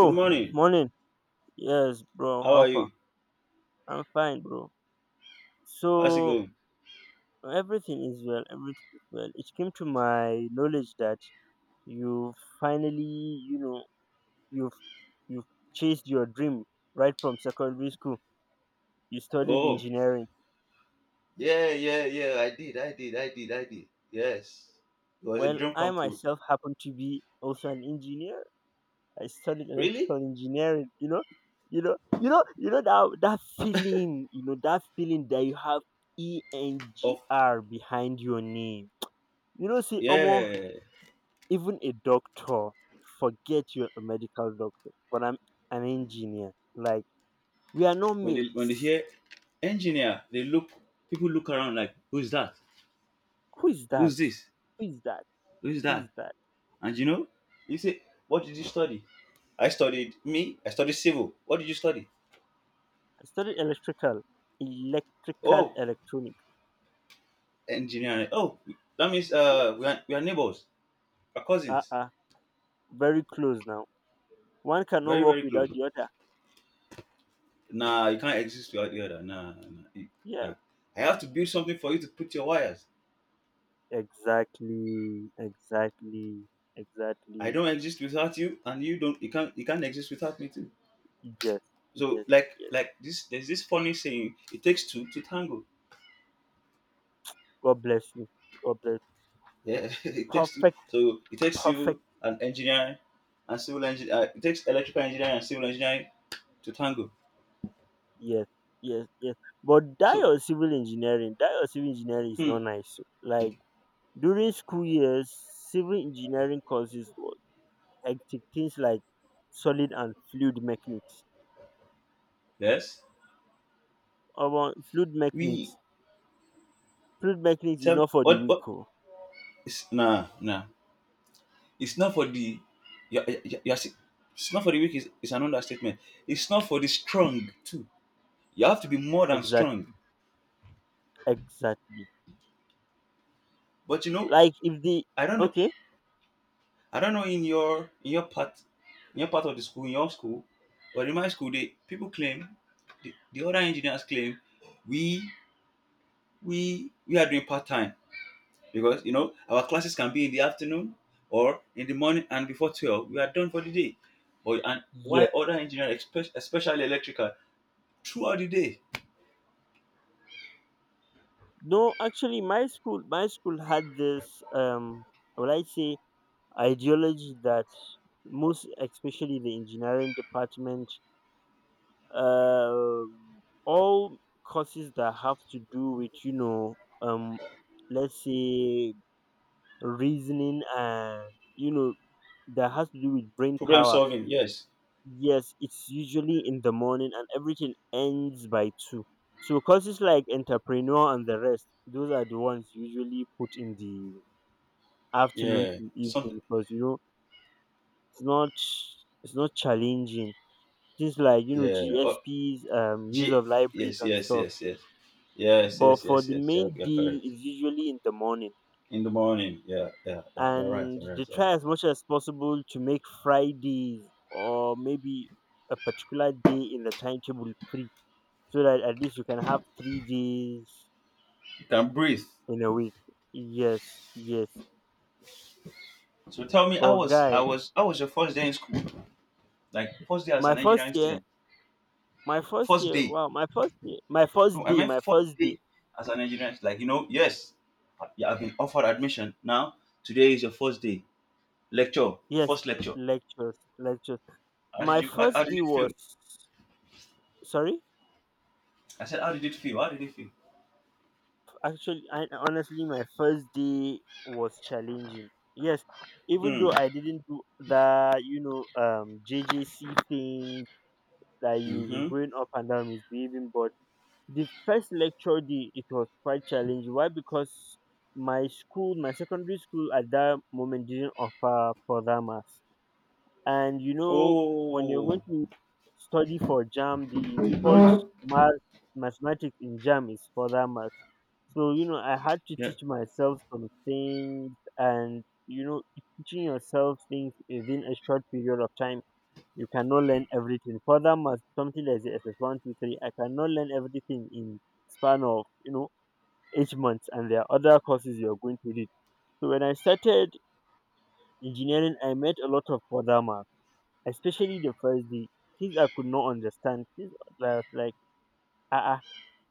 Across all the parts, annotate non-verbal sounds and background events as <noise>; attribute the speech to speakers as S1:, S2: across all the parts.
S1: Good morning.
S2: morning. Yes, bro.
S1: How
S2: How
S1: are
S2: far?
S1: you?
S2: I'm fine, bro.
S1: How's it
S2: So
S1: going?
S2: everything is well. Everything is well. It came to my knowledge that you finally, you've you've chased your dream right from secondary school. You studied
S1: Oh,
S2: engineering.
S1: yeah, yeah, yeah. I did. Yes, it was a
S2: Well,
S1: dream
S2: I
S1: come true.
S2: myself happen to be also an engineer. I studied
S1: Really?
S2: electrical engineering, you know that feeling, that feeling that you have E N G
S1: Of
S2: R behind your name. See, almost
S1: Yeah.
S2: even a doctor, forget you're a medical doctor, but I'm an engineer. Like we are no
S1: When they
S2: mates.
S1: hear engineer, they look people look around like, who's that?
S2: Who is that?
S1: Who's this?
S2: Who is that?
S1: Who's
S2: Who is
S1: that?
S2: that?
S1: And you say, what did you study? I studied me. I studied civil. What did you study?
S2: I studied electrical,
S1: Oh,
S2: electronic.
S1: engineering. Oh, that means
S2: Yes.
S1: we are neighbors, we are
S2: Uh
S1: cousins,
S2: uh Very close now. One cannot
S1: very,
S2: work
S1: very
S2: without
S1: close.
S2: the other.
S1: Nah, you can't exist without the other. Nah, nah,
S2: Yeah.
S1: nah. I have to build something for you to put your wires.
S2: Exactly, exactly,
S1: I
S2: exactly.
S1: don't exist without you, and you don't. You can't. You can't exist without me too.
S2: Yes,
S1: So
S2: yes,
S1: like
S2: yes.
S1: like this. There's this funny saying. It takes two to tango.
S2: God bless you. God bless.
S1: Yeah, <laughs> it takes two.
S2: Perfect,
S1: So it takes civil
S2: perfect.
S1: and engineering, and civil engineer. It takes electrical engineering and civil engineering to tango.
S2: Yes, yes, yes. But that
S1: So
S2: your civil engineering, that your civil engineering is
S1: hmm,
S2: not nice, o. Like during school years, civil engineering courses was hectic. Things like solid and fluid mechanics.
S1: yes,
S2: About
S1: we
S2: fluid mechanics is
S1: tell
S2: not for the
S1: what
S2: weak,
S1: what.
S2: oh.
S1: Nah, nah. It's not for the you are, you are, you are si- it's not for the weak is an understatement. It's not for the strong too. You have to be more than strong.
S2: Exactly, exactly.
S1: But
S2: Like if the
S1: I don't know
S2: Okay,
S1: I don't know in your part of the school, in your school, but in my school, they people claim, the other engineers claim, we we are doing part time, because our classes can be in the afternoon or in the morning, and before 12 we are done for the day. But and Why
S2: yes.
S1: other engineers, especially electrical, throughout the day?
S2: No, actually, my school had this, what I say, ideology that most, especially the engineering department, all courses that have to do with, um, let's say reasoning and, you know, that has to do with brain
S1: Problem
S2: power.
S1: solving, yes.
S2: Yes, it's usually in the morning and everything ends by two. So courses like entrepreneur and the rest, those are the ones usually put in the afternoon
S1: Yeah.
S2: to
S1: Something,
S2: evening because it's not it's not challenging. Things like
S1: yeah. Oh,
S2: GSPs, use
S1: G
S2: of libraries
S1: yes,
S2: and
S1: yes,
S2: stuff.
S1: yes, yes. Yes,
S2: But
S1: yes,
S2: for
S1: yes,
S2: the
S1: yes. You're,
S2: main
S1: you're
S2: deal,
S1: correct.
S2: it's usually in the morning,
S1: In the morning. Yeah, yeah, yeah. You're right,
S2: and
S1: you're
S2: they
S1: right, you're right.
S2: try as much as possible to make Fridays or maybe a particular day in the timetable free so that at least you can have 3 days
S1: You can breathe.
S2: in a week. Yes, yes.
S1: So tell me, I
S2: But
S1: was I
S2: guy,
S1: was I was your first day in school? Like, first day as
S2: my
S1: an
S2: first
S1: engineering
S2: year,
S1: student.
S2: my first
S1: First
S2: year,
S1: day.
S2: wow, my first year, my
S1: No,
S2: first
S1: I
S2: day,
S1: meant
S2: my
S1: first
S2: first day.
S1: day as an engineering, like, yes. You have been offered admission. Now today is your first day. Lecture.
S2: Yes,
S1: First lecture.
S2: lectures, lectures.
S1: How did
S2: My
S1: you how, how
S2: first
S1: did
S2: day
S1: it feel?
S2: was sorry.
S1: I said, how did it feel? How did it feel?
S2: Actually, I honestly, my first day was challenging. Yes, even
S1: Hmm.
S2: though I didn't do the JJC thing, that you be
S1: Mm-hmm.
S2: going up and down misbehaving, but the first lecture day it was quite challenging. Why? Because my secondary school at that moment didn't offer further maths, and when you're going
S1: Oh,
S2: to study for jam, the default
S1: yeah,
S2: math mathematics in jam is further math. So I had to teach myself some things, and teaching yourself things within a short period of time, you cannot learn everything. Furthermore, something like the SS 1 2 3, I cannot learn everything in span of 8 months, and there are other courses you are going to read. So when I started engineering, I met a lot of further math, especially the first day. Things I could not understand. Things I was like, ah, ah,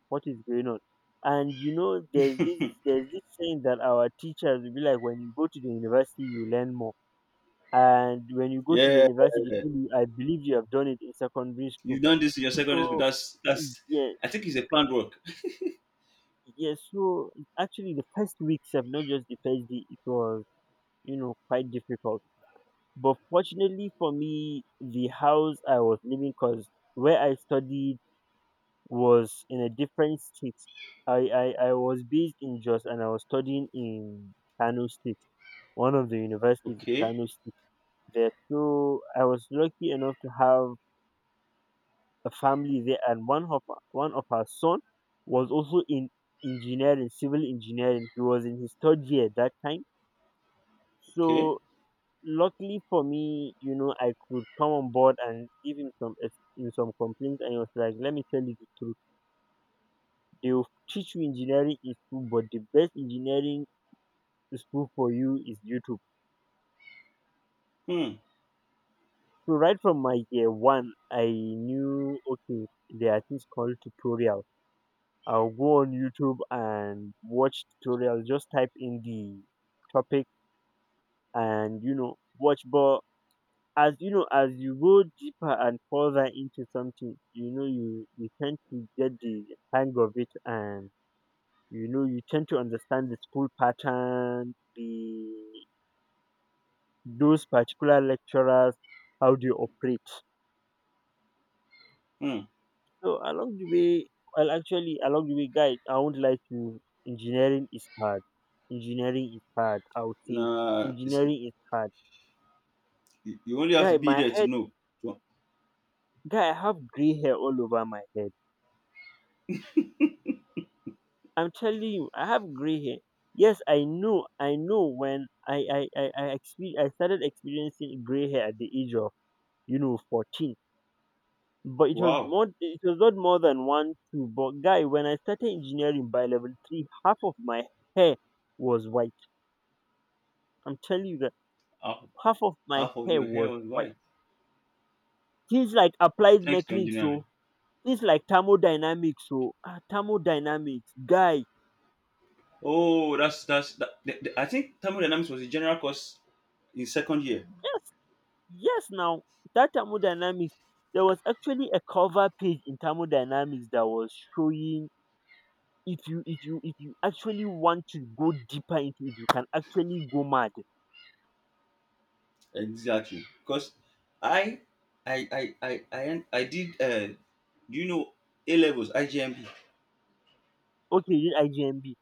S2: what is going on? And there's this saying that our teachers will be like, when you go to the university, you learn more. And when you go to the
S1: yeah.
S2: university, I believe you have done it in secondary school.
S1: You've done this in your secondary school.
S2: So
S1: That's.
S2: yeah,
S1: I think it's a planned work.
S2: yes. So actually, the first weeks of not just the first day, it was quite difficult. But fortunately for me, the house I was living, cause where I studied was in a different state. I was based in Jos and I was studying in Kano State, one of the universities in
S1: Okay,
S2: Kano State. There, so I was lucky enough to have a family there, and one of her son was also in engineering, civil engineering. He was in his third year at that time.
S1: okay.
S2: So luckily for me, I could come on board and give him some in some complaints, and he was like, "Let me tell you the truth. They will teach you engineering is school, but the best engineering school for you is YouTube."
S1: Hmm,
S2: So right from my year one, I knew okay, there are things called tutorials. I'll go on YouTube and watch tutorials. Just type in the topic and watch. But as you know, as you go deeper and further into something, you tend to get the hang of it, and you tend to understand the school pattern, the those particular lecturers, how they operate.
S1: hmm.
S2: So well, actually, along the way, guys, I won't lie to you. Engineering is hard. Engineering is hard. I would say
S1: Nah,
S2: engineering is hard.
S1: you only have to
S2: Guy,
S1: be
S2: my
S1: there to
S2: head,
S1: know.
S2: guy, I have gray hair all over my head. I'm telling you, I have gray hair. Yes, I know, I know. When I I started experiencing gray hair at the age of 14, but
S1: Wow,
S2: it was not more than 1 2. But guy, when I started engineering by level three, half of my hair was white. I'm telling you that
S1: half,
S2: half of my
S1: half of
S2: hair
S1: your hair
S2: was
S1: was
S2: white.
S1: white.
S2: Things like applied
S1: Thanks to
S2: mechanics,
S1: engineering.
S2: so things like thermodynamics, so thermodynamics, guy.
S1: Oh, that's. I think thermodynamics was a general course in second year.
S2: Yes, yes. Now that thermodynamics, there was actually a cover page in thermodynamics that was showing if you actually want to go deeper into it, you can actually go mad.
S1: Exactly. Because I I did do you know A levels IGMB?
S2: Okay, you did IGMB.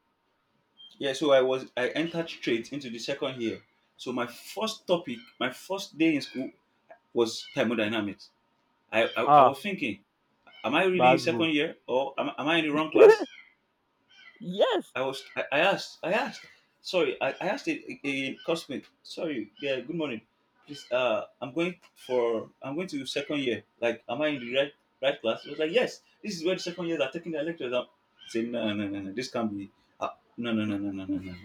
S1: Yeah, so I entered straight into the second year. So my first topic, my first day in school was thermodynamics. I
S2: Ah,
S1: was thinking, am I really in
S2: Basbo.
S1: second year, or am I in the wrong class?
S2: <laughs> Yes,
S1: I asked sorry, I asked a customer, sorry, yeah, good morning, please, I'm going to second year. Like, am I in the right right class? I was like, yes, this is where the second years are taking their lectures. I'm saying, no, no, no, no, this can't be, uh, no, no, no, no, no, no, no, no."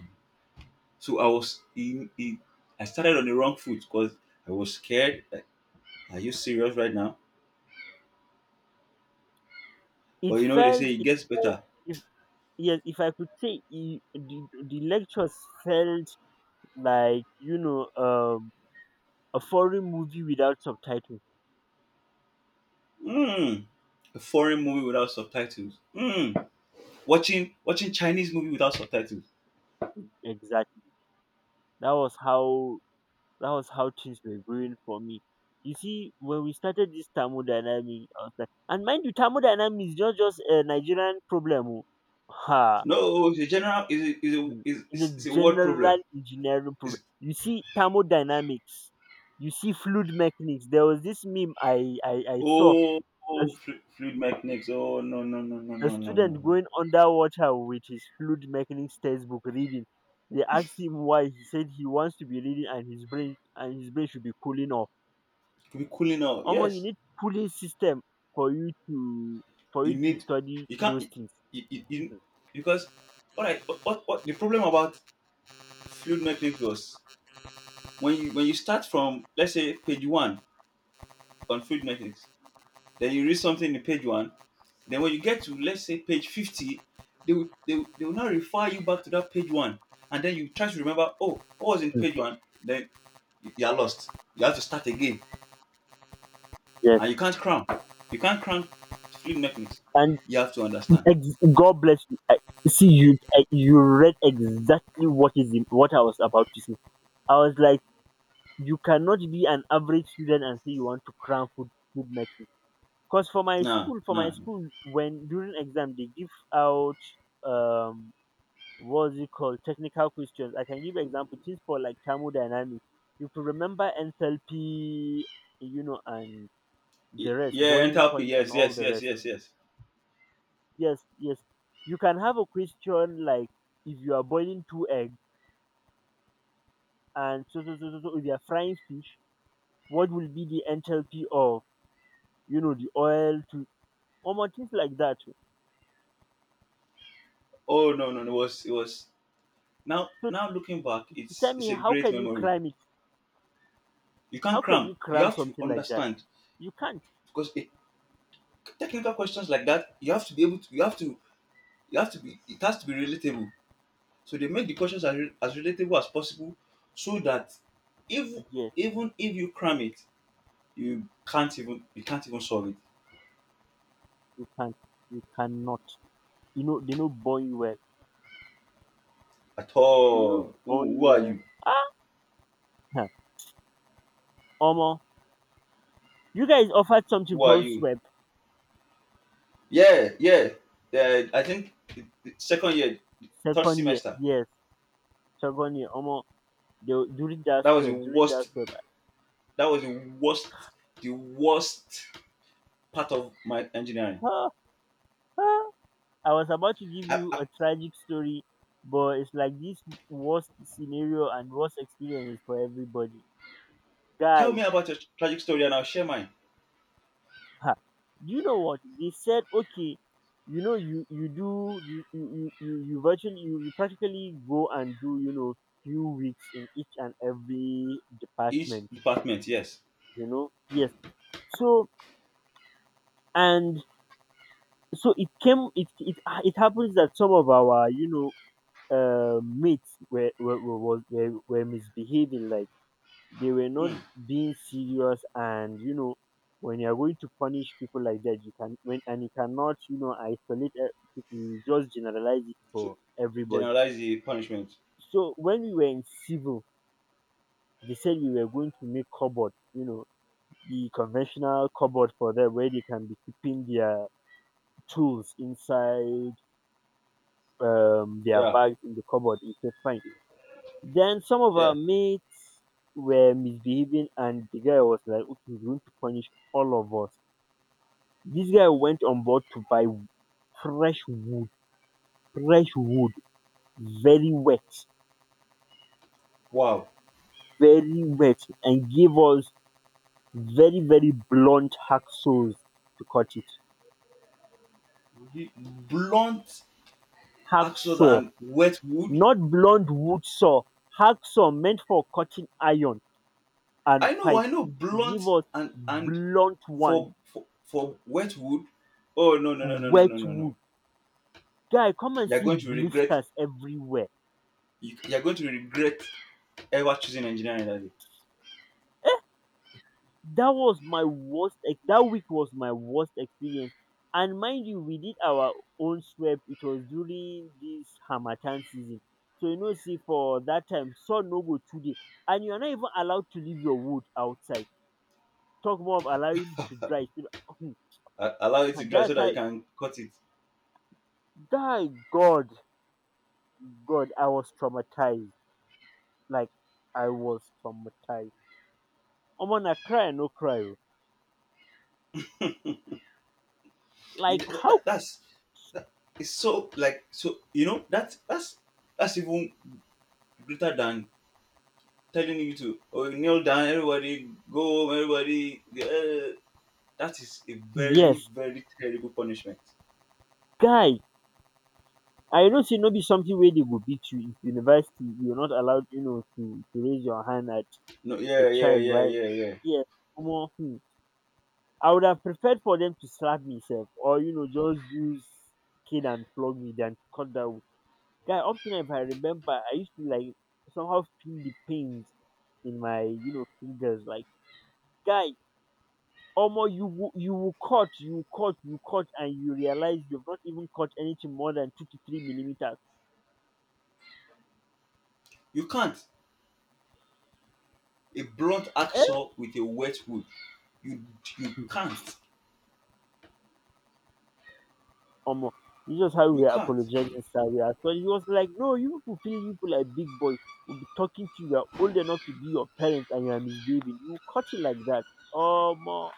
S1: so I was in I started on the wrong foot, because I was scared, like, are you serious right now?
S2: it
S1: But you know, they
S2: felt
S1: say it
S2: it
S1: gets
S2: felt
S1: better.
S2: it yes, if I could say I- the lectures felt like, a foreign movie without subtitles.
S1: mm, a foreign movie without subtitles, watching Chinese movie without subtitles.
S2: Exactly. That was how that was how things were going for me. You see, when we started this thermodynamics, I was like, and mind you, thermodynamics is not just a Nigerian problem, oh. Ha.
S1: No, it's a general
S2: Hmm. It's a
S1: is a word problem.
S2: general engineering problem.
S1: It's
S2: You see thermodynamics, you see fluid mechanics. There was this meme I saw.
S1: Oh, oh, fluid mechanics. Oh, no, no, no, no,
S2: A
S1: no, no, no,
S2: student
S1: no.
S2: going underwater with his fluid mechanics textbook reading. They asked him why. He said he wants to be reading and his brain should be cooling off.
S1: To be cooling out,
S2: Omo, you
S1: yes.
S2: need cooling system for you to for
S1: you
S2: you to
S1: need
S2: study
S1: you can't
S2: those things.
S1: you, you, you because All right. What the problem about fluid mechanics was, when you start from let's say page one on fluid mechanics, then you read something in page one. Then when you get to let's say page 50, they will now refer you back to that page one. And then you try to remember, oh, what was in
S2: Mm.
S1: page one? Then you are lost. You have to start again.
S2: Yes,
S1: And you can't cram. You can't cram fluid mechanics.
S2: and
S1: You have to understand.
S2: God bless you. See you. You read exactly what I was about to say. I was like, you cannot be an average student and say you want to cram food mechanics. Cause for
S1: Nah,
S2: for my
S1: nah.
S2: school, when during exam they give out um what's it called technical questions. I can give example things for like thermodynamics. If you remember enthalpy, and
S1: Y-
S2: the rest,
S1: Yeah,
S2: boiling
S1: enthalpy,
S2: point and
S1: yes,
S2: all
S1: yes,
S2: the
S1: yes,
S2: rest.
S1: yes, yes.
S2: Yes, yes. You can have a question like if you are boiling two eggs and so if you are frying fish, what will be the enthalpy of the oil to or more things like that.
S1: Oh, no, no, no, it was now
S2: So
S1: now looking back, it's
S2: tell me,
S1: it's a
S2: how
S1: great
S2: can you
S1: memory.
S2: cram it?
S1: You can't
S2: How can
S1: cram.
S2: you
S1: You
S2: cram
S1: have to
S2: something like that?
S1: understand.
S2: You can't.
S1: Because technical questions like that, you have to be able to, you have to you have to be it has to be relatable, so they make the questions as relatable as possible, so that if,
S2: Yes,
S1: even if you cram it, you can't even solve it
S2: you can't. You cannot. You know they know born you well.
S1: at
S2: They know
S1: all.
S2: born you well. Ah, huh. Omo, you guys offered something
S1: Who are
S2: called
S1: you?
S2: swap
S1: Yeah, yeah, yeah, I think the second year third
S2: second year.
S1: semester,
S2: Yes, second year. Omo, they,
S1: that was the
S2: during that
S1: worst
S2: swap,
S1: that was the worst part of my engineering.
S2: ah, ah, I was about to give
S1: I,
S2: you
S1: I,
S2: a tragic story, but it's like this worst scenario and worst experience is for everybody.
S1: Tell me
S2: Guy,
S1: about your tragic story and I'll share mine.
S2: Ha! Do you know what? They said, okay, you you do you you you you, you virtually you practically go and do few weeks in each and every
S1: Each
S2: department.
S1: department, yes.
S2: Yes. So and so it came. It happens that some of our mates were were misbehaving, like they were not
S1: Hmm.
S2: being serious, and when you're going to punish people like that, you cannot isolate people. You just generalize it
S1: To
S2: for everybody.
S1: generalize the punishment.
S2: So when we were in civil, they said we were going to make cupboard, the conventional cupboard for them where they can be keeping their tools inside, their
S1: Yeah,
S2: bags in the cupboard. It's said fine. Then some of
S1: yeah.
S2: our mates were misbehaving, and the guy was like okay he's going to punish all of us. This guy went on board to buy fresh wood, fresh wood, very wet,
S1: Wow.
S2: very wet, and gave us very, very blunt hacksaws to cut it.
S1: Blunt axes
S2: Hacksaw,
S1: and wet wood.
S2: not blunt wood saw, hacksaw meant for cutting iron
S1: I
S2: and
S1: know,
S2: pipe.
S1: I know.
S2: He gave
S1: Blunt
S2: us
S1: and
S2: blunt one,
S1: for wet wood. Oh, no, no, no, no, no,
S2: wet
S1: no, no, no.
S2: wood. Guy, come and
S1: You're
S2: see
S1: going to regret.
S2: blisters everywhere.
S1: You're going to regret ever choosing engineering that day.
S2: Eh? That week was my worst experience. And mind you, we did our own sweep. It was during this harmattan season, so you know, see, for that time sun no go today, and you are not even allowed to leave your wood outside, talk more of allowing it to dry, so that-
S1: Allow it to
S2: and
S1: dry
S2: that's
S1: so that
S2: how,
S1: you can cut it.
S2: guy, god, I was traumatized. Like, I was traumatized. I'm gonna cry, I no cry o. Like, how?
S1: That's that, it's so, like, so you know that that's even greater than telling you to, oh, kneel down, everybody go home, everybody. That is a very,
S2: Yes,
S1: very terrible punishment.
S2: guy, I you know say no be something wey dey go beat you. If university, you are not allowed, you know, to raise your hand at
S1: No,
S2: a
S1: yeah, yeah,
S2: child.
S1: yeah,
S2: Why?
S1: yeah, yeah.
S2: Here, omo, hmm, I would have preferred for them to slap me sef, or you know, just use cane and flog me than to cut down. Guy, up till now, if I remember, I used to like somehow feel the pains in my, you know, fingers. Like, guy, omo, you will, you will cut, you will cut, you will cut, and you realize you've not even cut anything more than 2 to 3 millimeters.
S1: You can't. A blunt axe
S2: um
S1: saw with a wet wood. You you can't.
S2: Omo, this was how we
S1: You
S2: were
S1: can't.
S2: apologizing. Sir, we are sorry. He was like, "No, you people feel you people like big boys. We'll be talking to you. You are old enough to be your parents and you are misbehaving. You cut it like that." Um, uh,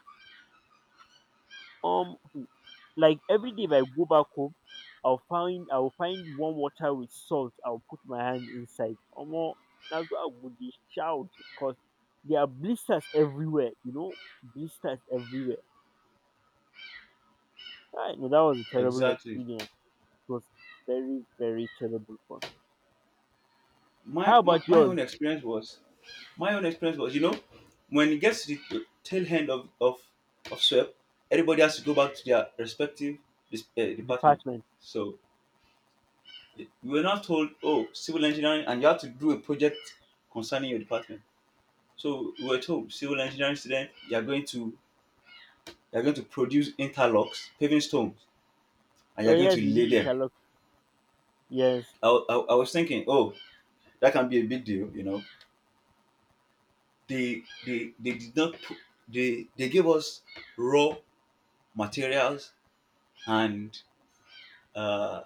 S2: um, like, every day if I go back home, I'll find warm water with salt. I'll put my hand inside. Omo, that's what I would be shout, because there are blisters everywhere. You know, blisters everywhere. I know that was a terrible
S1: Exactly.
S2: experience. It was very, very terrible for-
S1: My,
S2: How
S1: my
S2: about
S1: my
S2: yours?
S1: own experience was, my own experience was you know when it gets to the tail end of swap, everybody has to go back to their respective department.
S2: Department.
S1: So we were not told, oh, civil engineering, and you have to do a project concerning your department. So we were told, civil engineering student, you are going to, produce interlocks, paving stones, and you
S2: Oh
S1: are going
S2: yes,
S1: to
S2: we
S1: lay
S2: did
S1: them.
S2: interlock. Yes,
S1: I was thinking, oh, that can be a big deal, you know. They did not pu- They gave us raw materials and, uh,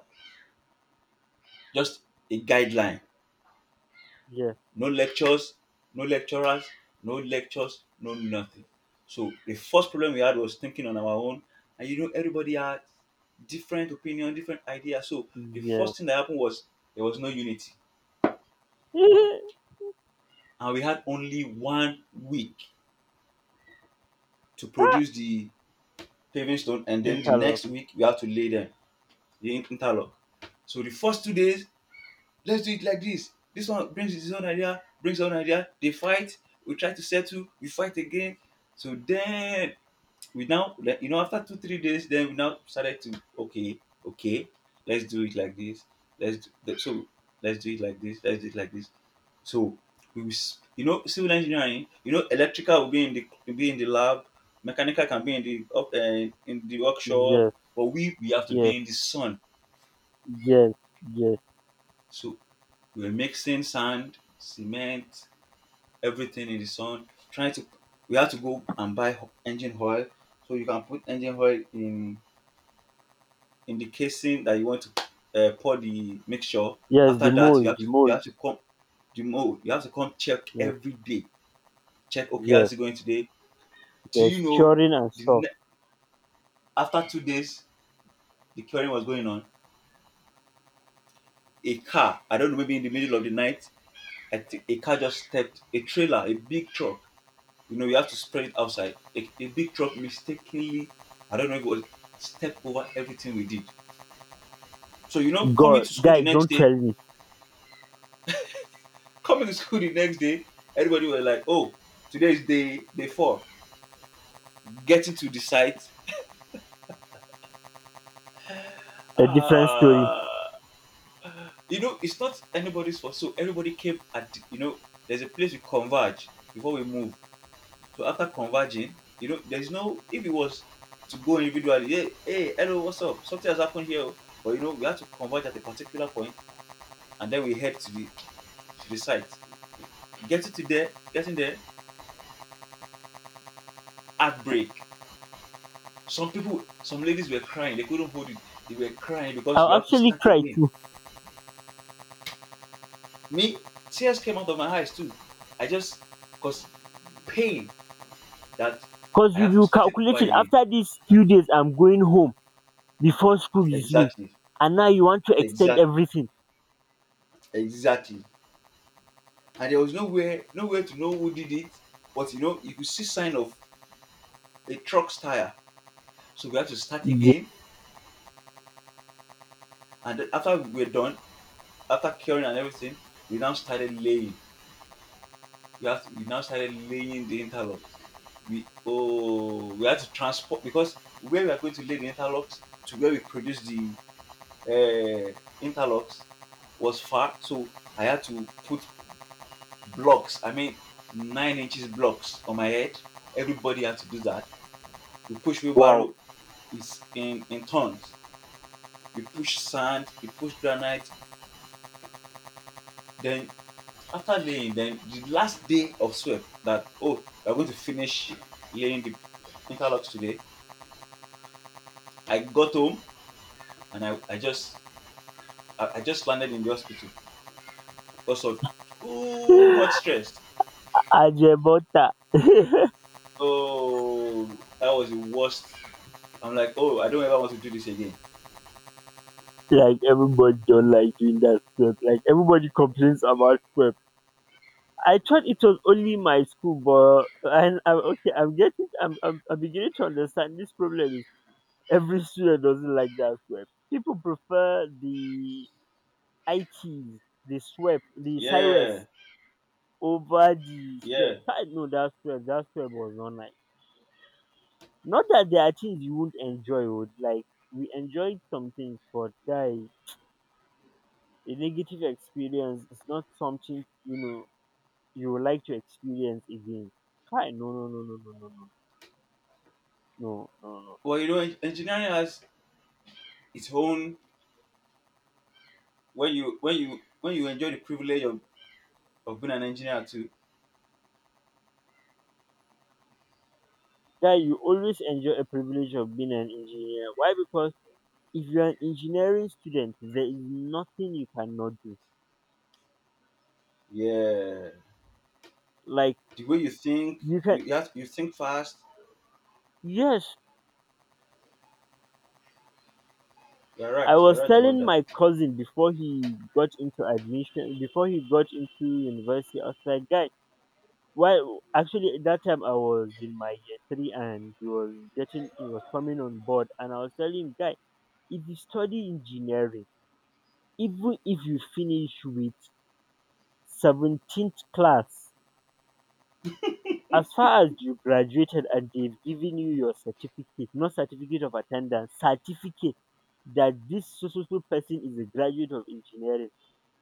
S1: just a guideline.
S2: yes,
S1: No lectures, no lecturers, no lectures, no nothing. So the first problem we had was thinking on our own, and everybody had different opinion, different ideas. So the
S2: yes.
S1: first thing that happened was, there was no unity,
S2: <laughs>
S1: and we had only one week to
S2: Ah,
S1: produce the paving stone, and then the
S2: interlock.
S1: next week we have to lay them, interlock. So the first 2 days, let's do it like this. This one brings his own idea, brings his own idea. They fight. We try to settle. We fight again. So then we now, like, after 2 or 3 days, then we now started to, okay, okay, let's do it like this, so let's do it like this, so civil engineering, electrical will be in the, lab, mechanical can be in the, up in the workshop,
S2: Yes,
S1: but we have to
S2: yes,
S1: be in the sun.
S2: yes, yes,
S1: So we were mixing sand, cement, everything in the sun, trying to we have to go and buy engine oil, so you can put engine oil in the casing that you want to, pour the mixture.
S2: yes. The
S1: After that, you
S2: mold,
S1: have
S2: the
S1: to,
S2: mold.
S1: come the mold. You have to come check
S2: Yes,
S1: every day. Check, okay,
S2: yes,
S1: how's it going today? Do you
S2: yes.
S1: know,
S2: Curing and
S1: the
S2: stuff.
S1: ne- after 2 days the curing was going on? A car, I don't know, maybe in the middle of the night, I think a car just stepped a trailer, a big truck. You know, you have to spread it outside. A big truck mistakenly, I don't know if it was, stepped over everything we did. So,
S2: God, guys, don't tell me
S1: coming to school the next day, everybody was like, "Oh, today is day four. Getting to the site.
S2: a different story.
S1: Ah, it's not anybody's fault. So everybody came at there's a place we converge before we move. So after converging, there's no, if it was to go individually, hey, hey, hello, what's up? Something has happened here. Oh." But, we had to converge at a particular point, and then we head to the, site. Getting there, heartbreak. Some people, some ladies were crying. They couldn't hold it. They were crying because we
S2: I'll
S1: have to
S2: actually
S1: start
S2: cry
S1: again.
S2: too,
S1: Me, tears came out of my eyes too. I just, cause, pain, that
S2: cause
S1: I
S2: you
S1: have to
S2: will
S1: start it over
S2: calculating
S1: again.
S2: after these few days. I'm going home before school resume,
S1: Exactly,
S2: and now you want to extend
S1: exactly,
S2: everything.
S1: exactly. And there was nowhere, nowhere to know who did it. But you could see sign of a truck's tire. So we had to start
S2: Yeah,
S1: again. And then after we were done, after curing and everything, we now started laying. We now started laying the interlocks. We had to transport, because where we are going to lay the interlocks to where we produce the uh, interlocks was far, so I had to put blocks. I mean, 9 inches blocks on my head. Everybody had to do that. We push
S2: wow.
S1: wheelbarrow is in tons. We push sand. We push granite. Then after laying, then the last day of sweep that, oh, we're going to finish laying the interlocks today. I got home and I just landed in the hospital because of too
S2: <laughs>
S1: much stress.
S2: Ajebota.
S1: Oh, that was the worst. I'm like, oh, I don't ever want to do this again.
S2: Like, everybody don't like doing that stuff. Like, everybody complains about Pep. I thought it was only my school, but and I'm okay. I'm getting. I'm. I'm beginning to understand. This problem is every student doesn't like that Pep. People prefer the ITs, the SWEP, the
S1: Yeah,
S2: SciWest over the SWEP.
S1: yeah.
S2: I know that SWEP. That SWEP was not nice. Not that there are things you won't enjoy, would like we enjoyed some things, but guys, a negative experience is not something, you know, you would like to experience again. Hi, no, no, no, no, no, no, no, no, no, no.
S1: Well, engineering has its own, when you enjoy the privilege of being an engineer too.
S2: Guy, you always enjoy a privilege of being an engineer. Why? Because if you're an engineering student, there is nothing you cannot do.
S1: Yeah.
S2: Like,
S1: The way you think,
S2: you can,
S1: you think fast.
S2: yes.
S1: You're right.
S2: I
S1: You're
S2: was
S1: right about
S2: telling
S1: that.
S2: my cousin before he got into admission, before he got into university. I was like, guy, well, actually, at that time I was in my year 3, and he was getting, he was coming on board, and I was telling him, guy, if you study engineering, even if you finish with 17th class, as far as you graduated and they've given you your certificate, not certificate of attendance, certificate that this so so so person is a graduate of engineering.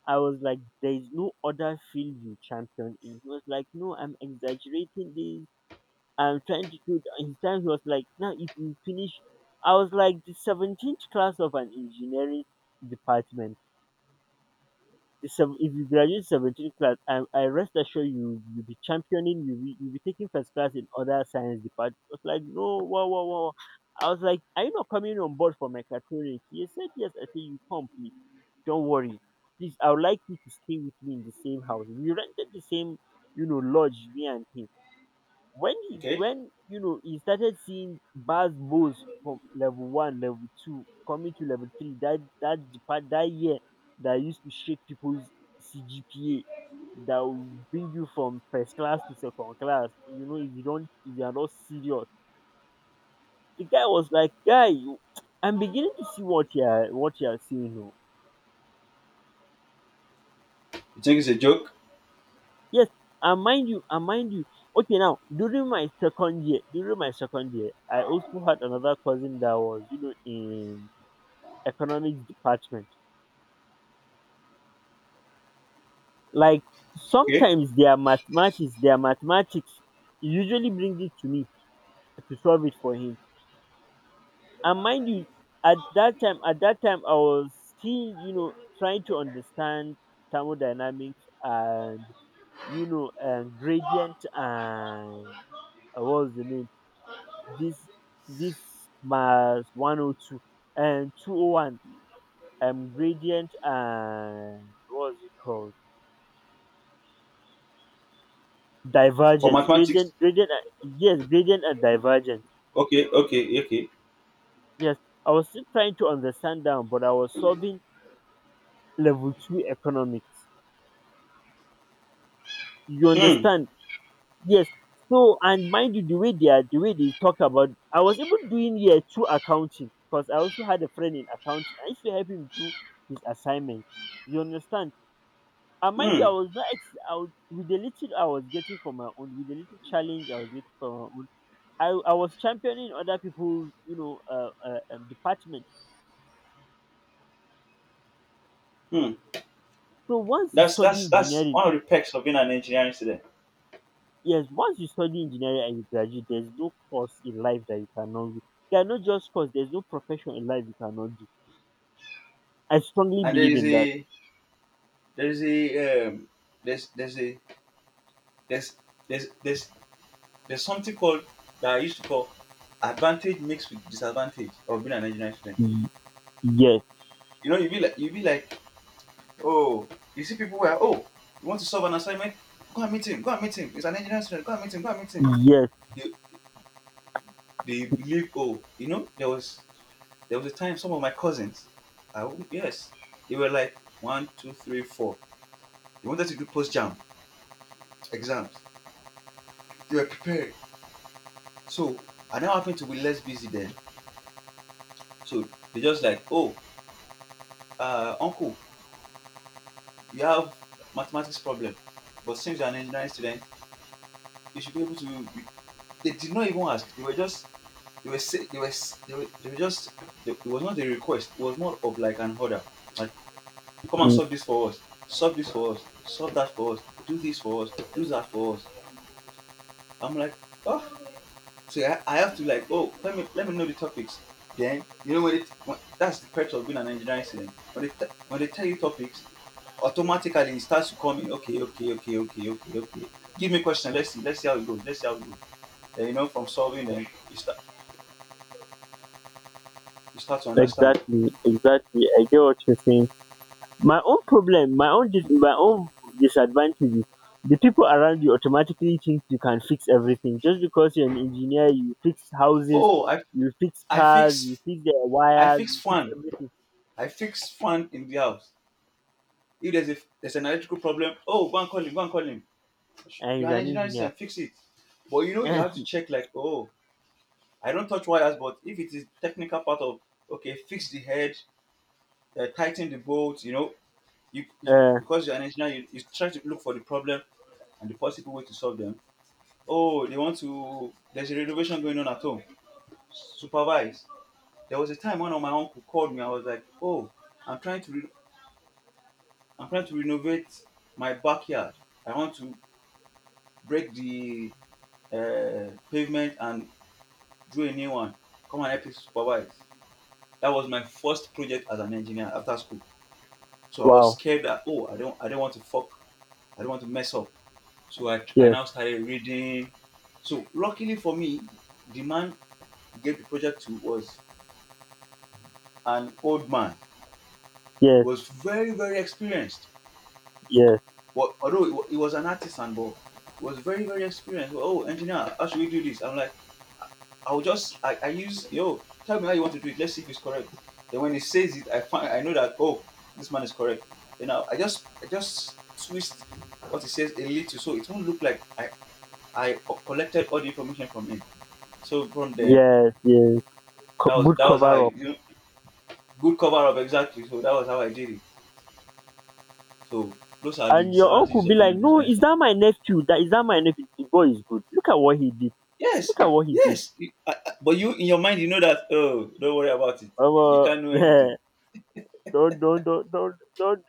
S2: I was like, there is no other field you champion in. He was like, no, I'm exaggerating. There I'm trying to do. And his time he was like, now if you finish, I was like, the 17th class of an engineering department. If you graduate 17th class, I rest assured you, you'll be championing. You'll be taking first class in other science departments. I was like, no, wow, wow, wow. I was like, are you not coming on board for mechatronics? He said yes. I said, you come, please. Don't worry. Please, I would like you to stay with me in the same house. We rented the same, you know, lodge, me and him,
S1: Okay.
S2: when you know he started seeing bars, Bose from level 1, level 2, coming to level 3, that year that used to shake people's CGPA, that will bring you from first class to second class. You know, if you are not serious. The guy was like, guy, you- I'm beginning to see what you are seeing now.
S1: You think it's a joke?
S2: Yes, and mind you, okay, now during my second year I also had another cousin that was, you know, in economics department. Like,
S1: Okay.
S2: sometimes their mathematics he usually brings it to me to solve it for him. And mind you, at that time I was still, you know, trying to understand thermodynamics, and you know, and gradient, and what was the name? This this mass 102 and 201, gradient. And what was it called?
S1: For
S2: Divergence,
S1: mathematics.
S2: gradient, gradient, and yes, gradient and divergence.
S1: Okay. Okay. Okay.
S2: Yes, I was still trying to understand that, but I was solving level 2 economics. You
S1: Hmm.
S2: understand? Yes. So, and mind you, the way they are, the way they talk about, I was even doing year 2 accounting, because I also had a friend in accounting. I used to help him do his assignment. You understand? And mind you,
S1: Hmm.
S2: I was not ex- I was, with the little I was getting from my own, with the little challenge I was getting from my own, I was championing other people's, you know, department.
S1: Hmm.
S2: So once you
S1: That's
S2: study
S1: that's that's
S2: engineering,
S1: one of the perks of being an engineering student.
S2: yes, once you study engineering and you graduate, there's no course in life that you cannot do. There are no just course. There's no profession in life you cannot do. I strongly
S1: And there
S2: believe
S1: is
S2: in that.
S1: a there is a um, there's a there's there's there's there's something called, that I used to call, advantage mixed with disadvantage of being an engineering student.
S2: Y- Yes,
S1: You know, you be like, oh, you see people where, oh, you want to solve an assignment, go and meet him, go and meet him, he's an engineering student, go and meet him, go and meet him.
S2: yes,
S1: they, They believe, oh, there was a time some of my cousins, I, won't- yes, they were like one, two, three, four. They wanted to do post jam exams. They were prepared. So I now happened to be less busy then. So they just like, oh, uncle, you have mathematics problem, but since you're an engineering student, you should be able to. They did not even ask. They were they were, they were just it was not a request. It was more of like an order. Come and
S2: mm,
S1: solve this for us. Solve this for us. Solve that for us. Do this for us. Do that for us. I'm like, oh. So I have to like, oh, let me know the topics. Then, you know, that's the perks of being an engineering student. When they tell you topics, automatically it starts to come in. Okay, okay, okay, okay, okay, okay. Give me a question. Let's see. Let's see how it goes. Let's see how it goes. Then, from solving, then you start to understand.
S2: exactly, exactly. I get what you're saying. My own problem, my own disadvantage is the people around you automatically think you can fix everything, just because you're an engineer. You fix houses,
S1: Oh, I
S2: you fix
S1: I
S2: cars, you
S1: fix
S2: fix their
S1: I
S2: wires,
S1: fix
S2: you fix
S1: fan.
S2: everything.
S1: I fix fan in the house. If there's an electrical problem, oh, go and call him, go and call him.
S2: And
S1: You're
S2: he's
S1: an
S2: an
S1: engineering
S2: engineer.
S1: student, fix it. But, you have to
S2: <laughs>
S1: check like, oh, I don't touch wires, but if it is technical part of, okay, fix the head, tighten the bolts. You know, you
S2: uh,
S1: because you're an engineer, you try to look for the problem and the possible way to solve them. Oh, they want to. There's a renovation going on at home. Supervise. There was a time one of my uncle called me. I was like, oh, I'm trying to, re- I'm trying to renovate my backyard. I want to break the pavement and drew a new one. Come and help you supervise. That was my first project as an engineer after school. So I was
S2: wow,
S1: scared that, oh, I don't want to mess up. So I
S2: yes,
S1: now started reading. So luckily for me, the man he gave the project to was an old man. He
S2: yes,
S1: was very very experienced.
S2: yes,
S1: But although he was an artisan, but was very very experienced. Oh, engineer, how should we do this? I'm like, I'll just I use yo, tell me how you want to do it. Let's see if it's correct. Then when he says it, I find I know that, oh, this man is correct. You know, I just twist what he says a little, so it won't look like I collected all the information from him. So from then,
S2: yes, yes.
S1: that was
S2: Good
S1: that was how I,
S2: cover up.
S1: good cover up, exactly. So that was how I did it. So those are the
S2: And your uncle
S1: disadvantages
S2: be
S1: of being
S2: like,
S1: an
S2: "No,
S1: engineering
S2: is
S1: student.
S2: that my nephew? That, is that my nephew? The boy is good. Look at what he did.
S1: Yes,
S2: Look at what he did."
S1: yes. But you in your mind, you know that, oh, don't worry about it.
S2: Omo.
S1: You can't know anything.
S2: <laughs> Don't, don't.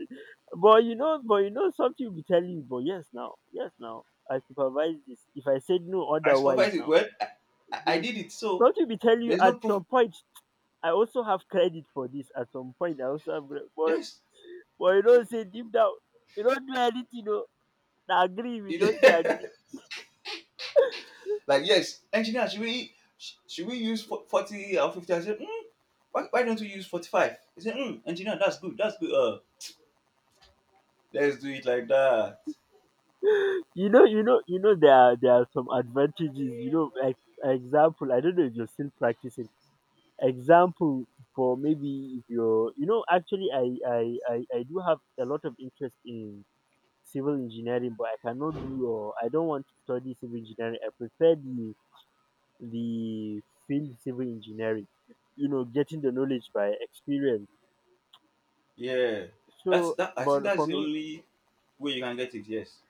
S2: But you know, something will be telling you. But yes, now, yes, now, I supervise this. If I said no
S1: I
S2: otherwise,
S1: supervise it.
S2: now,
S1: Well, I
S2: yes,
S1: did it. So
S2: something will be telling you
S1: there's
S2: at
S1: no proof.
S2: some point. I also have credit for this. At some point, I also have credit.
S1: Yes.
S2: But you don't say, deep down, you don't do anything. No, know. Na agree, we
S1: It-
S2: just dey agree.
S1: <laughs> like, yes, engineer, should we use 40 or 50? I said, why don't we use 45? He said, engineer, that's good. That's good. Let's do it like that.
S2: You know, there are some advantages, you know, like, example, I don't know if you're still practicing. Example, for maybe if you're, you know, actually, I do have a lot of interest in civil engineering, but I cannot do, or I don't want to study civil engineering. I prefer the field civil engineering, you know, getting the knowledge by experience.
S1: Yeah. That's
S2: So,
S1: that. I think
S2: but
S1: that's
S2: for
S1: the
S2: me,
S1: only way you can get it. Yes.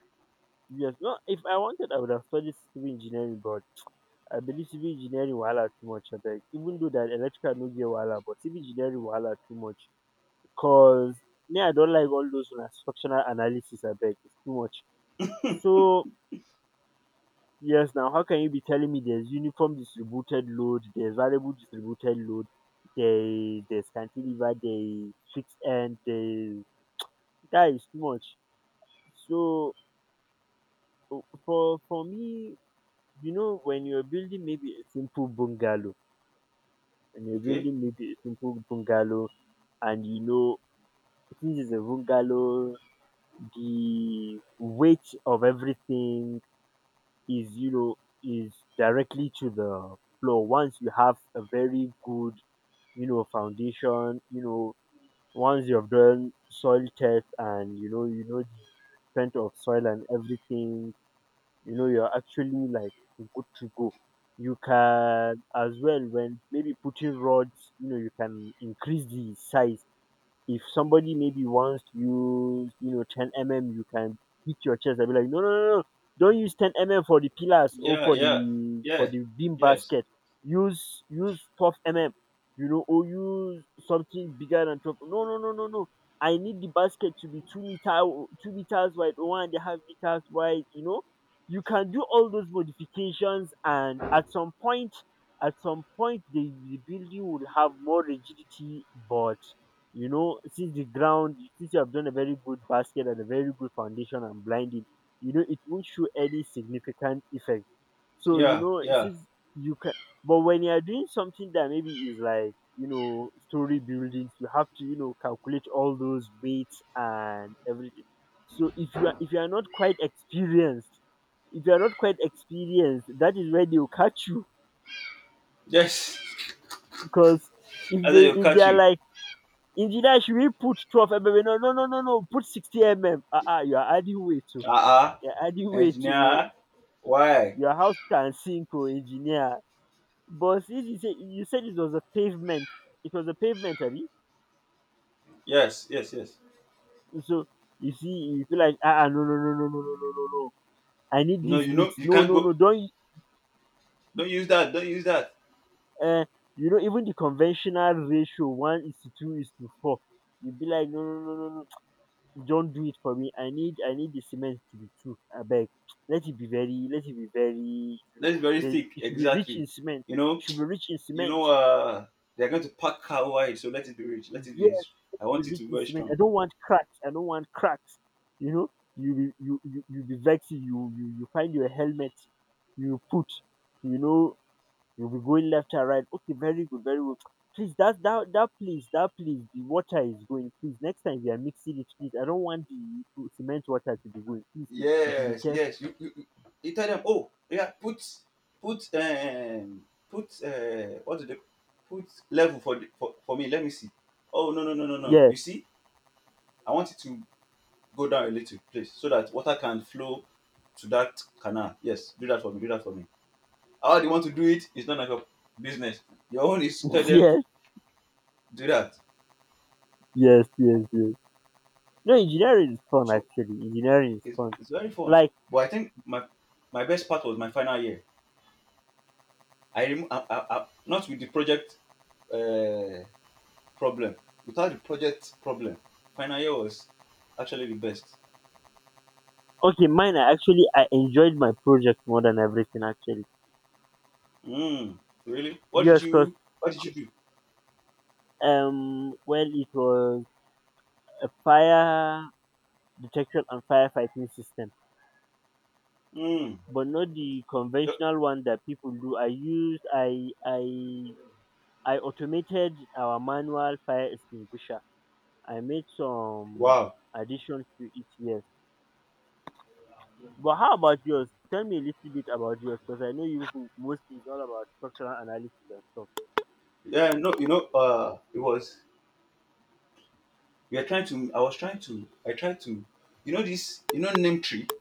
S2: yes. No, if I wanted, I would have studied civil engineering, but I believe civil engineering wahala too much abeg. Even though that electrical no get wahala, but civil engineering wahala too much. Cause me, I don't like all those una structural analysis. I beg, it's too much. So yes, now, how can you be telling me there's uniform distributed load, there's variable distributed load, there there's cantilever, there is fixed end, there is- That is too much. So, for me, you know, when you're building maybe a simple bungalow, and you're
S1: Okay.
S2: building maybe a simple bungalow, and you know, since it's a bungalow, the weight of everything is you know is directly to the floor. Once you have a very good, you know, foundation, you know, once you've done soil test, and you know, the strength of soil and everything, you know, you're actually like good to go. You can as well, when maybe putting rods, you know, you can increase the size. If somebody maybe wants to use, you know, 10 mm, you can beat your chest and be like, no, no, no, no, don't use 10 mm for the pillars, or
S1: Yeah.
S2: for
S1: Yeah.
S2: the,
S1: Yeah.
S2: beam
S1: Yes.
S2: basket. Use, 12 mm, you know, or use something bigger than 12. No, no, no, no, no. I need the basket to be 2 meters wide, or 1.5 meters wide. You know, you can do all those modifications, and at some point, the building will have more rigidity. But you know, since the ground, since you have done a very good basket and a very good foundation and blinding, you know, it won't show any significant effect. So you
S1: Yeah.
S2: know,
S1: Yeah.
S2: since you can- But when you are doing something that maybe is like, you know, story buildings, you have to, you know, calculate all those weights and everything. So, if you are not quite experienced if you are Not quite experienced, that is where they will catch you.
S1: Yes. <laughs>
S2: Because if
S1: I said, they'll
S2: they if they
S1: catch
S2: are
S1: you.
S2: like, "Engineer, should we put 12 mm?" "No, no, no, no, no. Put 60 mm. Ah, ah, you are adding weight to.
S1: Uh-uh.
S2: You're adding weight to.
S1: Engineer, why?
S2: Your house can sink, oh, engineer." But since you say you said it was a pavement, it was a pavement, Abby.
S1: Yes, yes, yes.
S2: So you see, you feel like, "Ah, ah, no, no, no, no, no, no, no, no, no. I need
S1: No,
S2: this mix.
S1: you
S2: No,
S1: can't
S2: no,
S1: go.
S2: no. Don't."
S1: Don't use that. Don't use that.
S2: Uh, you know, even the conventional ratio one is to two is to four. You be like, "No, no, no, no, no. Don't do it for me. I need the cement to be two. I beg, let it be very
S1: That's very
S2: there,
S1: thick.
S2: it should be rich
S1: Exactly.
S2: in cement.
S1: You
S2: It
S1: know,
S2: should be rich in
S1: you
S2: cement.
S1: know. They're going to pack cow wide, so let it be rich. Let it
S2: Yes,
S1: be.
S2: let
S1: I
S2: it be
S1: want it to
S2: rich
S1: be
S2: in
S1: very
S2: cement. I
S1: strong.
S2: don't want cracks. I don't want cracks." You know, you be vexing. You find your helmet. You put, you know, you'll be going left and right. "Okay, very good, very good. Please, that please, that please, the water is going. Please, next time you are mixing it, please. I don't want the cement water to be going. Please, you should be
S1: Yes,
S2: careful."
S1: yes. You tell them. Oh, yeah. Put. What do they put level for the, for me? Let me see. Oh, no, no, no, no, no. You
S2: Yes,
S1: see, I want it to go down a little, please, so that water can flow to that canal. Yes, do that for me. Do that for me. How they want to do it is none of your business. Your own is to tell
S2: <laughs>
S1: them to
S2: yes,
S1: do that.
S2: yes, yes, yes. No, engineering is fun
S1: So
S2: actually. Engineering is
S1: it's,
S2: fun.
S1: it's very fun.
S2: Like,
S1: But I think my best part was my final year. I, rem- I not with the project, uh, problem. Without the project problem, final year was actually the best.
S2: okay, mine, I actually I enjoyed my project more than everything actually.
S1: Mm, really?
S2: Yes, cause
S1: What did you do?
S2: well, it was a fire detection and firefighting system,
S1: Mm,
S2: but not the
S1: yup.
S2: conventional one that people do. I I automated our manual fire extinguisher. I made some
S1: Wow.
S2: additions to it. Yes. But how about yours? Tell me a little bit about yours, because I know you mostly is all about structural analysis and stuff.
S1: Yeah. No. You know. It was. We are trying to. I was trying to. I tried to. You know this. You know name tree.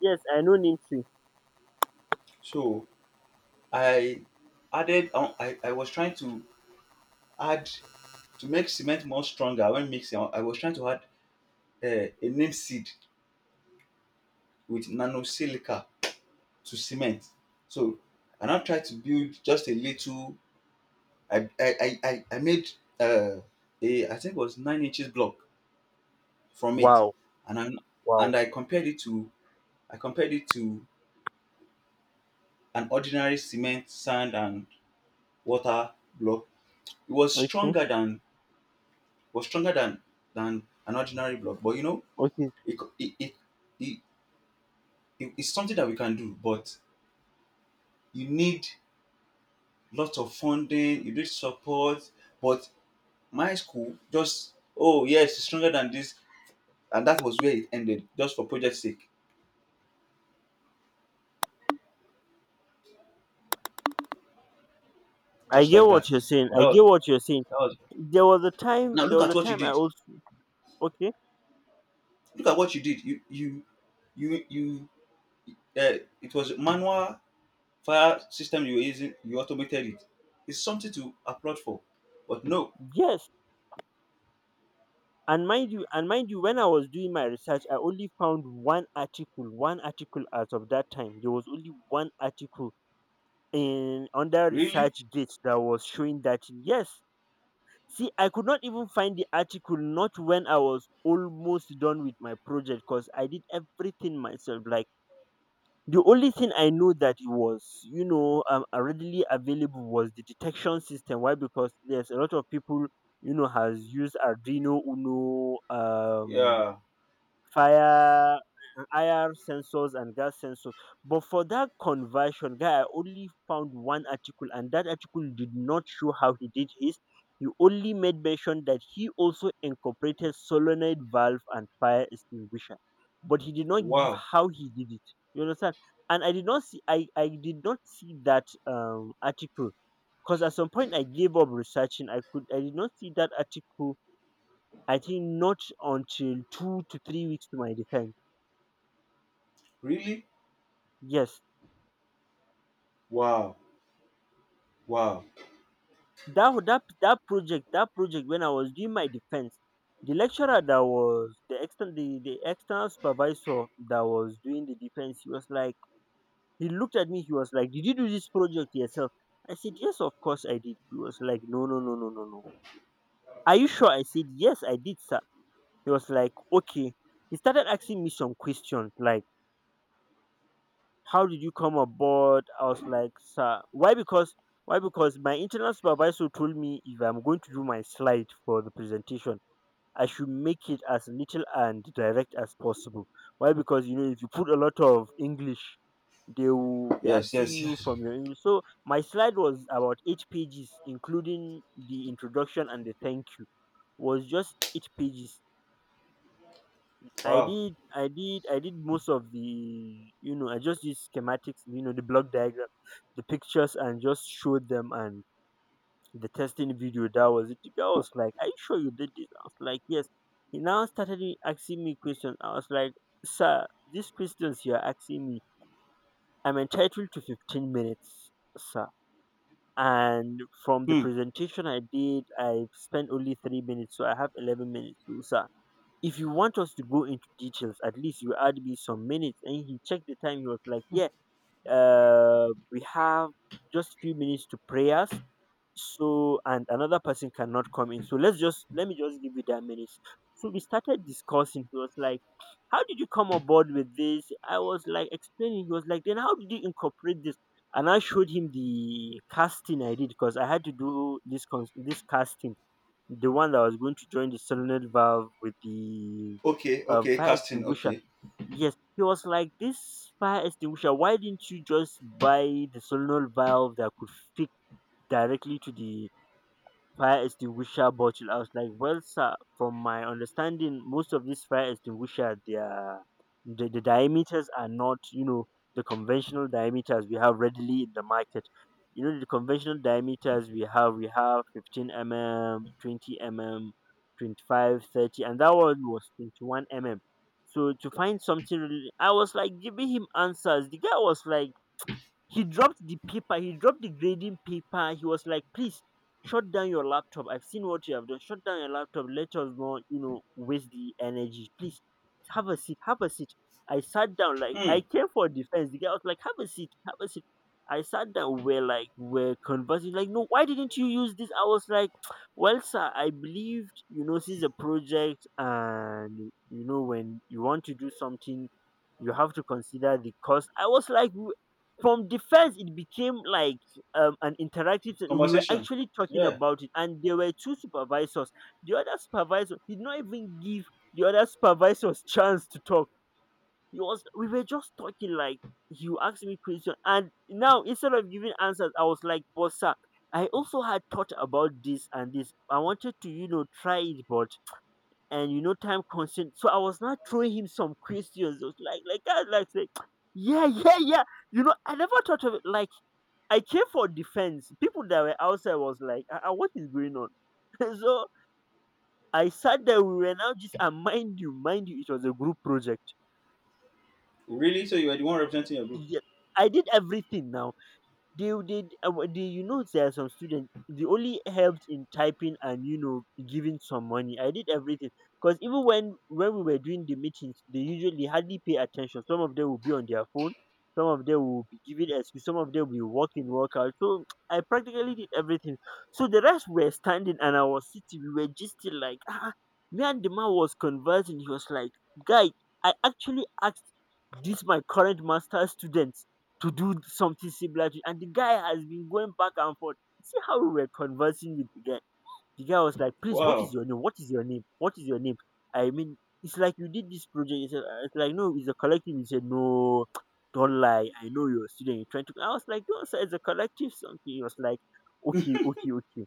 S2: Yes, I know NIMSY.
S1: So I was trying to add, to make cement more stronger when mixing. I was trying to add a neem seed with nano silica to cement. So I now tried to build just a little. I made uh, a I think it was 9 inches block from it,
S2: Wow,
S1: and I
S2: wow.
S1: and I compared it to an ordinary cement, sand, and water block. It was
S2: Okay,
S1: stronger than an ordinary block. But
S2: okay.
S1: it it it, it, it's something that we can do, but you need lots of funding, you need support. But my school just, oh, yes, it's stronger than this, and that was where it ended, just for project sake,
S2: I
S1: just
S2: get
S1: like
S2: what
S1: that.
S2: you're saying.
S1: But that
S2: I
S1: was,
S2: get what you're saying.
S1: that was
S2: There was a
S1: now
S2: time. There
S1: look
S2: was
S1: at
S2: a
S1: what you
S2: time I
S1: did.
S2: also. Okay.
S1: Look at what you did. You. It was manual fire system you were using. You automated it. It's something to applaud for. But no,
S2: Yes, and mind you, when I was doing my research, I only found one article. One article. As of that time, there was only one article in under
S1: really.
S2: Research Gate that was showing that yes, see, I could not even find the article, not when I was almost done with my project, because I did everything myself. Like, the only thing I know that it was, readily available was the detection system. Why? Because there's a lot of people, you know, has used Arduino Uno,
S1: Yeah.
S2: fire, IR sensors and gas sensors. But for that conversion, guy, I only found one article, and that article did not show how he did his. He only made mention that he also incorporated solenoid valve and fire extinguisher, but he did not give
S1: Wow.
S2: how he did it. You understand? And I did not see, I did not see that article, because at some point I gave up researching. I did not see that article. I think not until 2 to 3 weeks to my defense.
S1: Really?
S2: Yes,
S1: Wow. Wow.
S2: that project. That project, when I was doing my defense, the lecturer that was the external supervisor that was doing the defense, he was like, he looked at me, he was like, "Did you do this project yourself?" I said, "Yes, of course I did." He was like, "No, no, no, no, no, no. Are you sure?" I said, "Yes, I did, sir." He was like, "Okay." He started asking me some questions like, "How did you come aboard?" I was like, "Sir, why?" Because why? Because my internal supervisor told me if I'm going to do my slide for the presentation, I should make it as little and direct as possible. Why? Because you know, if you put a lot of English, they will be
S1: Yes,
S2: asking
S1: yes,
S2: you
S1: yes.
S2: from your English. So my slide was about 8 pages, including the introduction and the thank you. Was just 8 pages.
S1: Wow.
S2: I did most of the, you know, I just did schematics, you know, the block diagram, the pictures, and just showed them, and the testing video. That was it. The guy was like, "Are you sure you did this?" I was like, "Yes." He now started asking me questions. I was like, "Sir, these questions you are asking me, I'm entitled to 15 minutes, sir." And from the
S1: Hmm.
S2: presentation I did, I spent only 3 minutes, so I have 11 minutes. So, sir, if you want us to go into details, at least you add me some minutes. And he checked the time. He was like, "Yeah, we have just few minutes to prayers. So, and another person cannot come in. So let me just give you that minutes." So we started discussing. He was like, "How did you come aboard with this?" I was like explaining. He was like, "Then how did you incorporate this?" And I showed him the casting I did, because I had to do this, this casting, the one that was going to join the solenoid valve with the
S1: Okay, okay,
S2: fire
S1: casting,
S2: extinguisher.
S1: okay.
S2: Yes, he was like, "This fire extinguisher, why didn't you just buy the solenoid valve that could fit directly to the fire extinguisher bottle?" I was like, "Well, sir, from my understanding, most of these fire extinguisher, their the diameters are not, you know, the conventional diameters we have readily in the market. You know, the conventional diameters we have 15 mm, 20 mm, 25, 30, and that one was 21 mm. So to find something." Really, I was like giving him answers. The guy was like, he dropped the paper, he dropped the grading paper. He was like, "Please, shut down your laptop. I've seen what you have done. Shut down your laptop. Let us not, you know, waste the energy. Please have a seat. Have a seat." I sat down, like I
S1: Hmm.
S2: came for defense. The guy was like, "Have a seat, have a seat." I sat down, we're conversing, like, "No, why didn't you use this?" I was like, "Well, sir, I believed, you know, since a project, and you know, when you want to do something, you have to consider the cost." I was like, from defense it became like an interactive thing. We were
S1: Conversation.
S2: actually talking
S1: Yeah.
S2: about it, and there were 2 supervisors. The other supervisor did not even give the other supervisors <laughs> chance to talk. He was We were just talking like, you asked me question, and now instead of giving answers, I was like, "Boss, sir, I also had thought about this and this. I wanted to, you know, try it, but and you know, time constraint." So I was not throwing him some questions. I was like that like say, yeah, yeah, yeah, you know, I never thought of it. Like, I came for defense. People that were outside was like, What is going on?" <laughs> So I sat there. We were now just, and mind you, it was a group project.
S1: Really? So you are the one representing your group?
S2: Yeah, I did everything now. They you know, there are some students, they only helped in typing and you know giving some money. I did everything, because even when we were doing the meetings, they usually hardly pay attention. Some of them will be on their phone, some of them will be giving excuse, some of them will be walk out. So <tsk> I practically did everything. So the rest were standing and I was sitting. We were just still like, ah. Me and the man was conversing. He was like, "Guy, I actually asked this my current master student to do something similar to, and the guy has been going back and forth." See how we were conversing with the guy. The guy was like, "Please, what is
S1: Wow.
S2: your name? What is your name? What is your name? I mean, it's like you did this project." It's, it's like, "No, it's a collective." He said, "No, <tsk> don't lie. I know you're a student. You're trying to." I was like, "No, sir, it's a collective something." He was like, "Okay, okay, okay."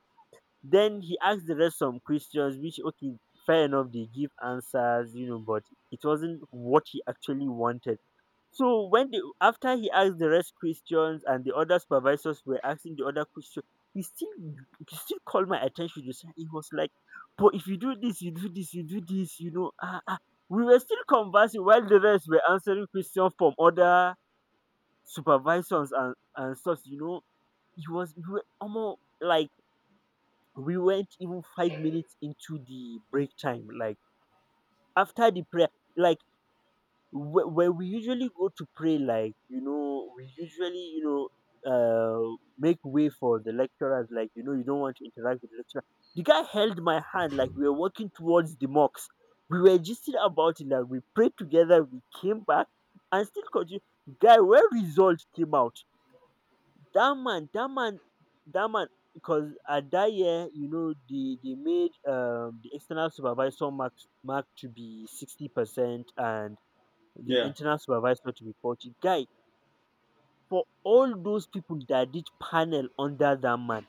S2: Then he asked the rest some questions, which, okay, fair enough, they give answers, you know, but it wasn't what he actually wanted. So when the after he asked the rest questions and the other supervisors were asking the other question, he still he still called my attention to say. He was like, "But if you do this, you do this, you do this, you know, ah, ah." We were still conversing while the rest were answering questions from other supervisors, and stuff, you know. It was we were almost like we went even 5 minutes into the break time, like after the prayer, like where we usually go to pray, like we usually make way for the lecturers, like you don't want to interact with the lecturer. The guy held my hand like we were walking towards the mosque. We were just about it, like we prayed together, we came back and still continue. Guy, where result came out, that man, that man, that man. Because at that year, they made the external supervisor mark to be 60% and the
S1: Yeah.
S2: internal supervisor to be faulty. Guy, for all those people that did panel under that man,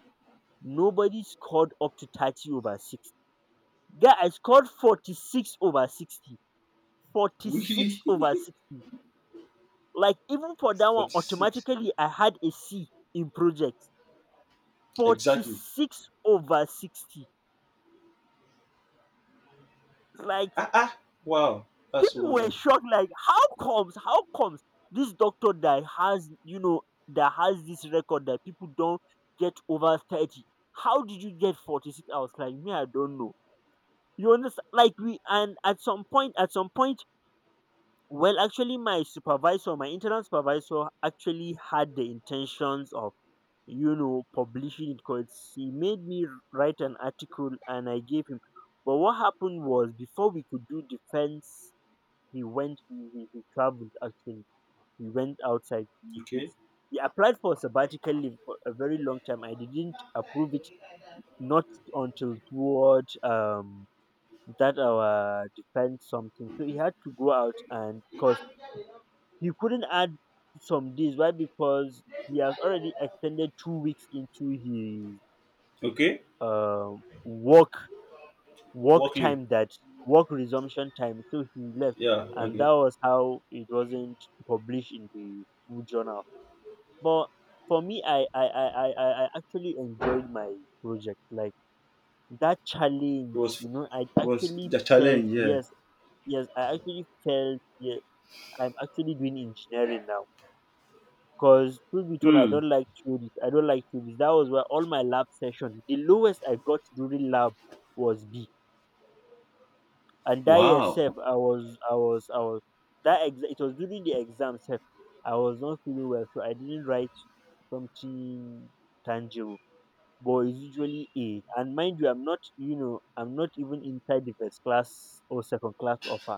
S2: nobody scored up to 30 over 60. Guy, I scored 46 over 60. 46
S1: Really?
S2: over 60. Like, even for that
S1: <laughs>
S2: one,
S1: 46.
S2: automatically I had a C in project.
S1: Exactly.
S2: 46 over 60. Like,
S1: Ah, ah. Wow. That's so
S2: people were
S1: wonderful.
S2: shocked, like, how comes? How comes this doctor that has, that has this record that people don't get over 30? How did you get 46? I was like, me, I don't know. You understand? Like, and at some point, well, actually, my supervisor, my internal supervisor, actually had the intentions of, publishing it, because he made me write an article and I gave him. But what happened was, before we could do defense, he traveled actually. He went outside. He, he,
S1: Okay.
S2: he applied for sabbatical leave for a very long time. I didn't approve it, not until toward that our defense something. So he had to go out, and because he couldn't add some days. Why? Because he has already extended 2 weeks into his
S1: Okay.
S2: um work work
S1: Work leave.
S2: time, that work resumption time, so he left.
S1: Yeah,
S2: And that
S1: okay.
S2: was how it wasn't published in the school journal. But for me, I actually enjoyed my project, like that
S1: It
S2: challenge,
S1: was
S2: I
S1: it was
S2: actually
S1: the
S2: felt
S1: challenge, yeah.
S2: yes, yes, I actually felt yes, I'm actually doing engineering now. Because truth be told, I
S1: Hmm.
S2: don't like theories, I don't like theories. That was where all my lab session, the lowest I got during lab was B. And that year
S1: Wow.
S2: sef, I was I was I was that ex- it was during the exam sef, I was not feeling well, so I didn't write something tangible. But it's usually A. And mind you, I'm not, I'm not even inside the first class or second class upper.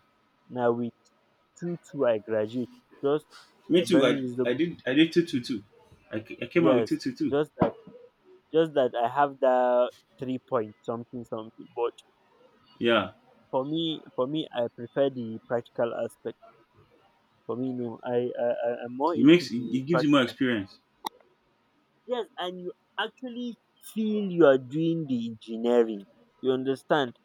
S2: Now with two two I graduate, just
S1: Me
S2: a
S1: too.
S2: very
S1: I I
S2: reasonable,
S1: did I did two two two. I came out with two
S2: yes,
S1: two two.
S2: just that, I have that 3 point something something. But
S1: Yeah.
S2: for me, I prefer the practical aspect. For me, no. I'm more
S1: It
S2: into
S1: makes it,
S2: the
S1: it gives you more
S2: practical.
S1: experience.
S2: Yes, and you actually feel you are doing the engineering. You understand?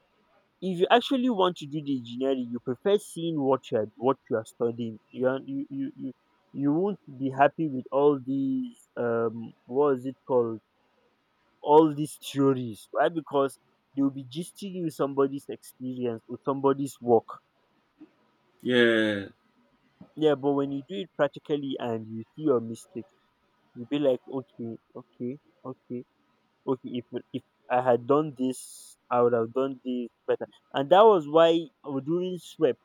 S2: If you actually want to do the engineering, you prefer seeing what you are studying. You you won't be happy with all these what is it called? All these theories. Why? Because they will be gisting you somebody's experience or somebody's work.
S1: Yeah.
S2: Yeah, but when you do it practically and you see your mistake, you be like, okay, okay, okay, okay, if, if I had done this, I would have done this better. And that was why, during swep,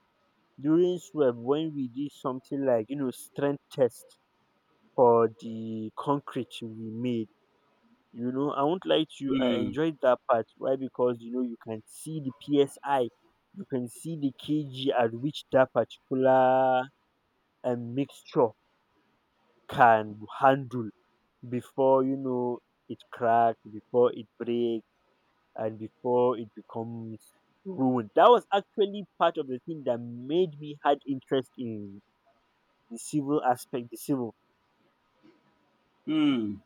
S2: when we did something like, strength test for the concrete we made. I won't lie to you, I
S1: Mm.
S2: enjoyed that part. Why? Because you can see the psi, you can see the kg at which that particular mixture can handle before, it cracks, before it breaks, and before it becomes ruined. That was actually part of the thing that made me had interest in the civil aspect, the civil
S1: Mm.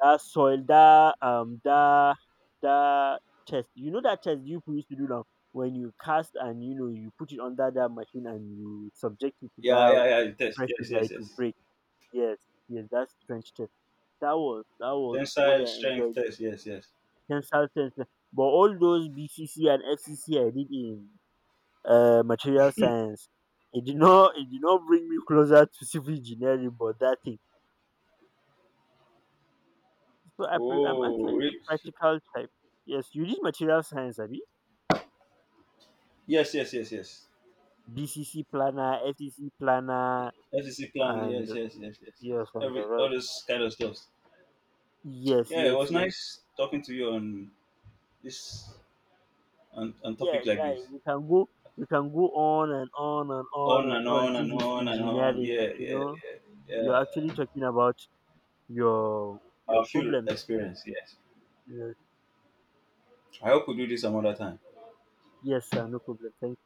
S2: that soil, that that test. You know that test you used to do now, when you cast and you put it under that machine and you subject it to
S1: Yeah,
S2: that
S1: yeah, yeah. It test.
S2: pressure
S1: Yes,
S2: that
S1: yes,
S2: it will
S1: yes.
S2: break. Yes, yes, that's trench test. That was what
S1: Tensile
S2: I
S1: strength
S2: enjoyed
S1: test. Yes, yes.
S2: consultants. But all those BCC and FCC I did in material science, it did not bring me closer to civil engineering. But that thing, so I'm
S1: Oh,
S2: actually the practical type. Yes, you did material science, Abi.
S1: yes, yes, yes, yes.
S2: BCC planner, FCC planner,
S1: FCC plan.
S2: and
S1: Yes, yes, yes, yes, yes.
S2: yes, and the
S1: Every All
S2: rest.
S1: this kind of stuff.
S2: Yes,
S1: Yeah, it
S2: yes,
S1: was
S2: yes.
S1: nice talking to you on this, on
S2: Yeah,
S1: topic like
S2: guy,
S1: this.
S2: we can go, on and on and on
S1: On
S2: and
S1: and
S2: on.
S1: on and
S2: This is
S1: on and on.
S2: engineering,
S1: Yeah,
S2: you
S1: yeah,
S2: know.
S1: yeah,
S2: You're
S1: yeah.
S2: actually talking about your
S1: Our field
S2: problem.
S1: experience. Yes.
S2: Yes,
S1: I hope we do this some other time.
S2: yes, sir. No problem. Thank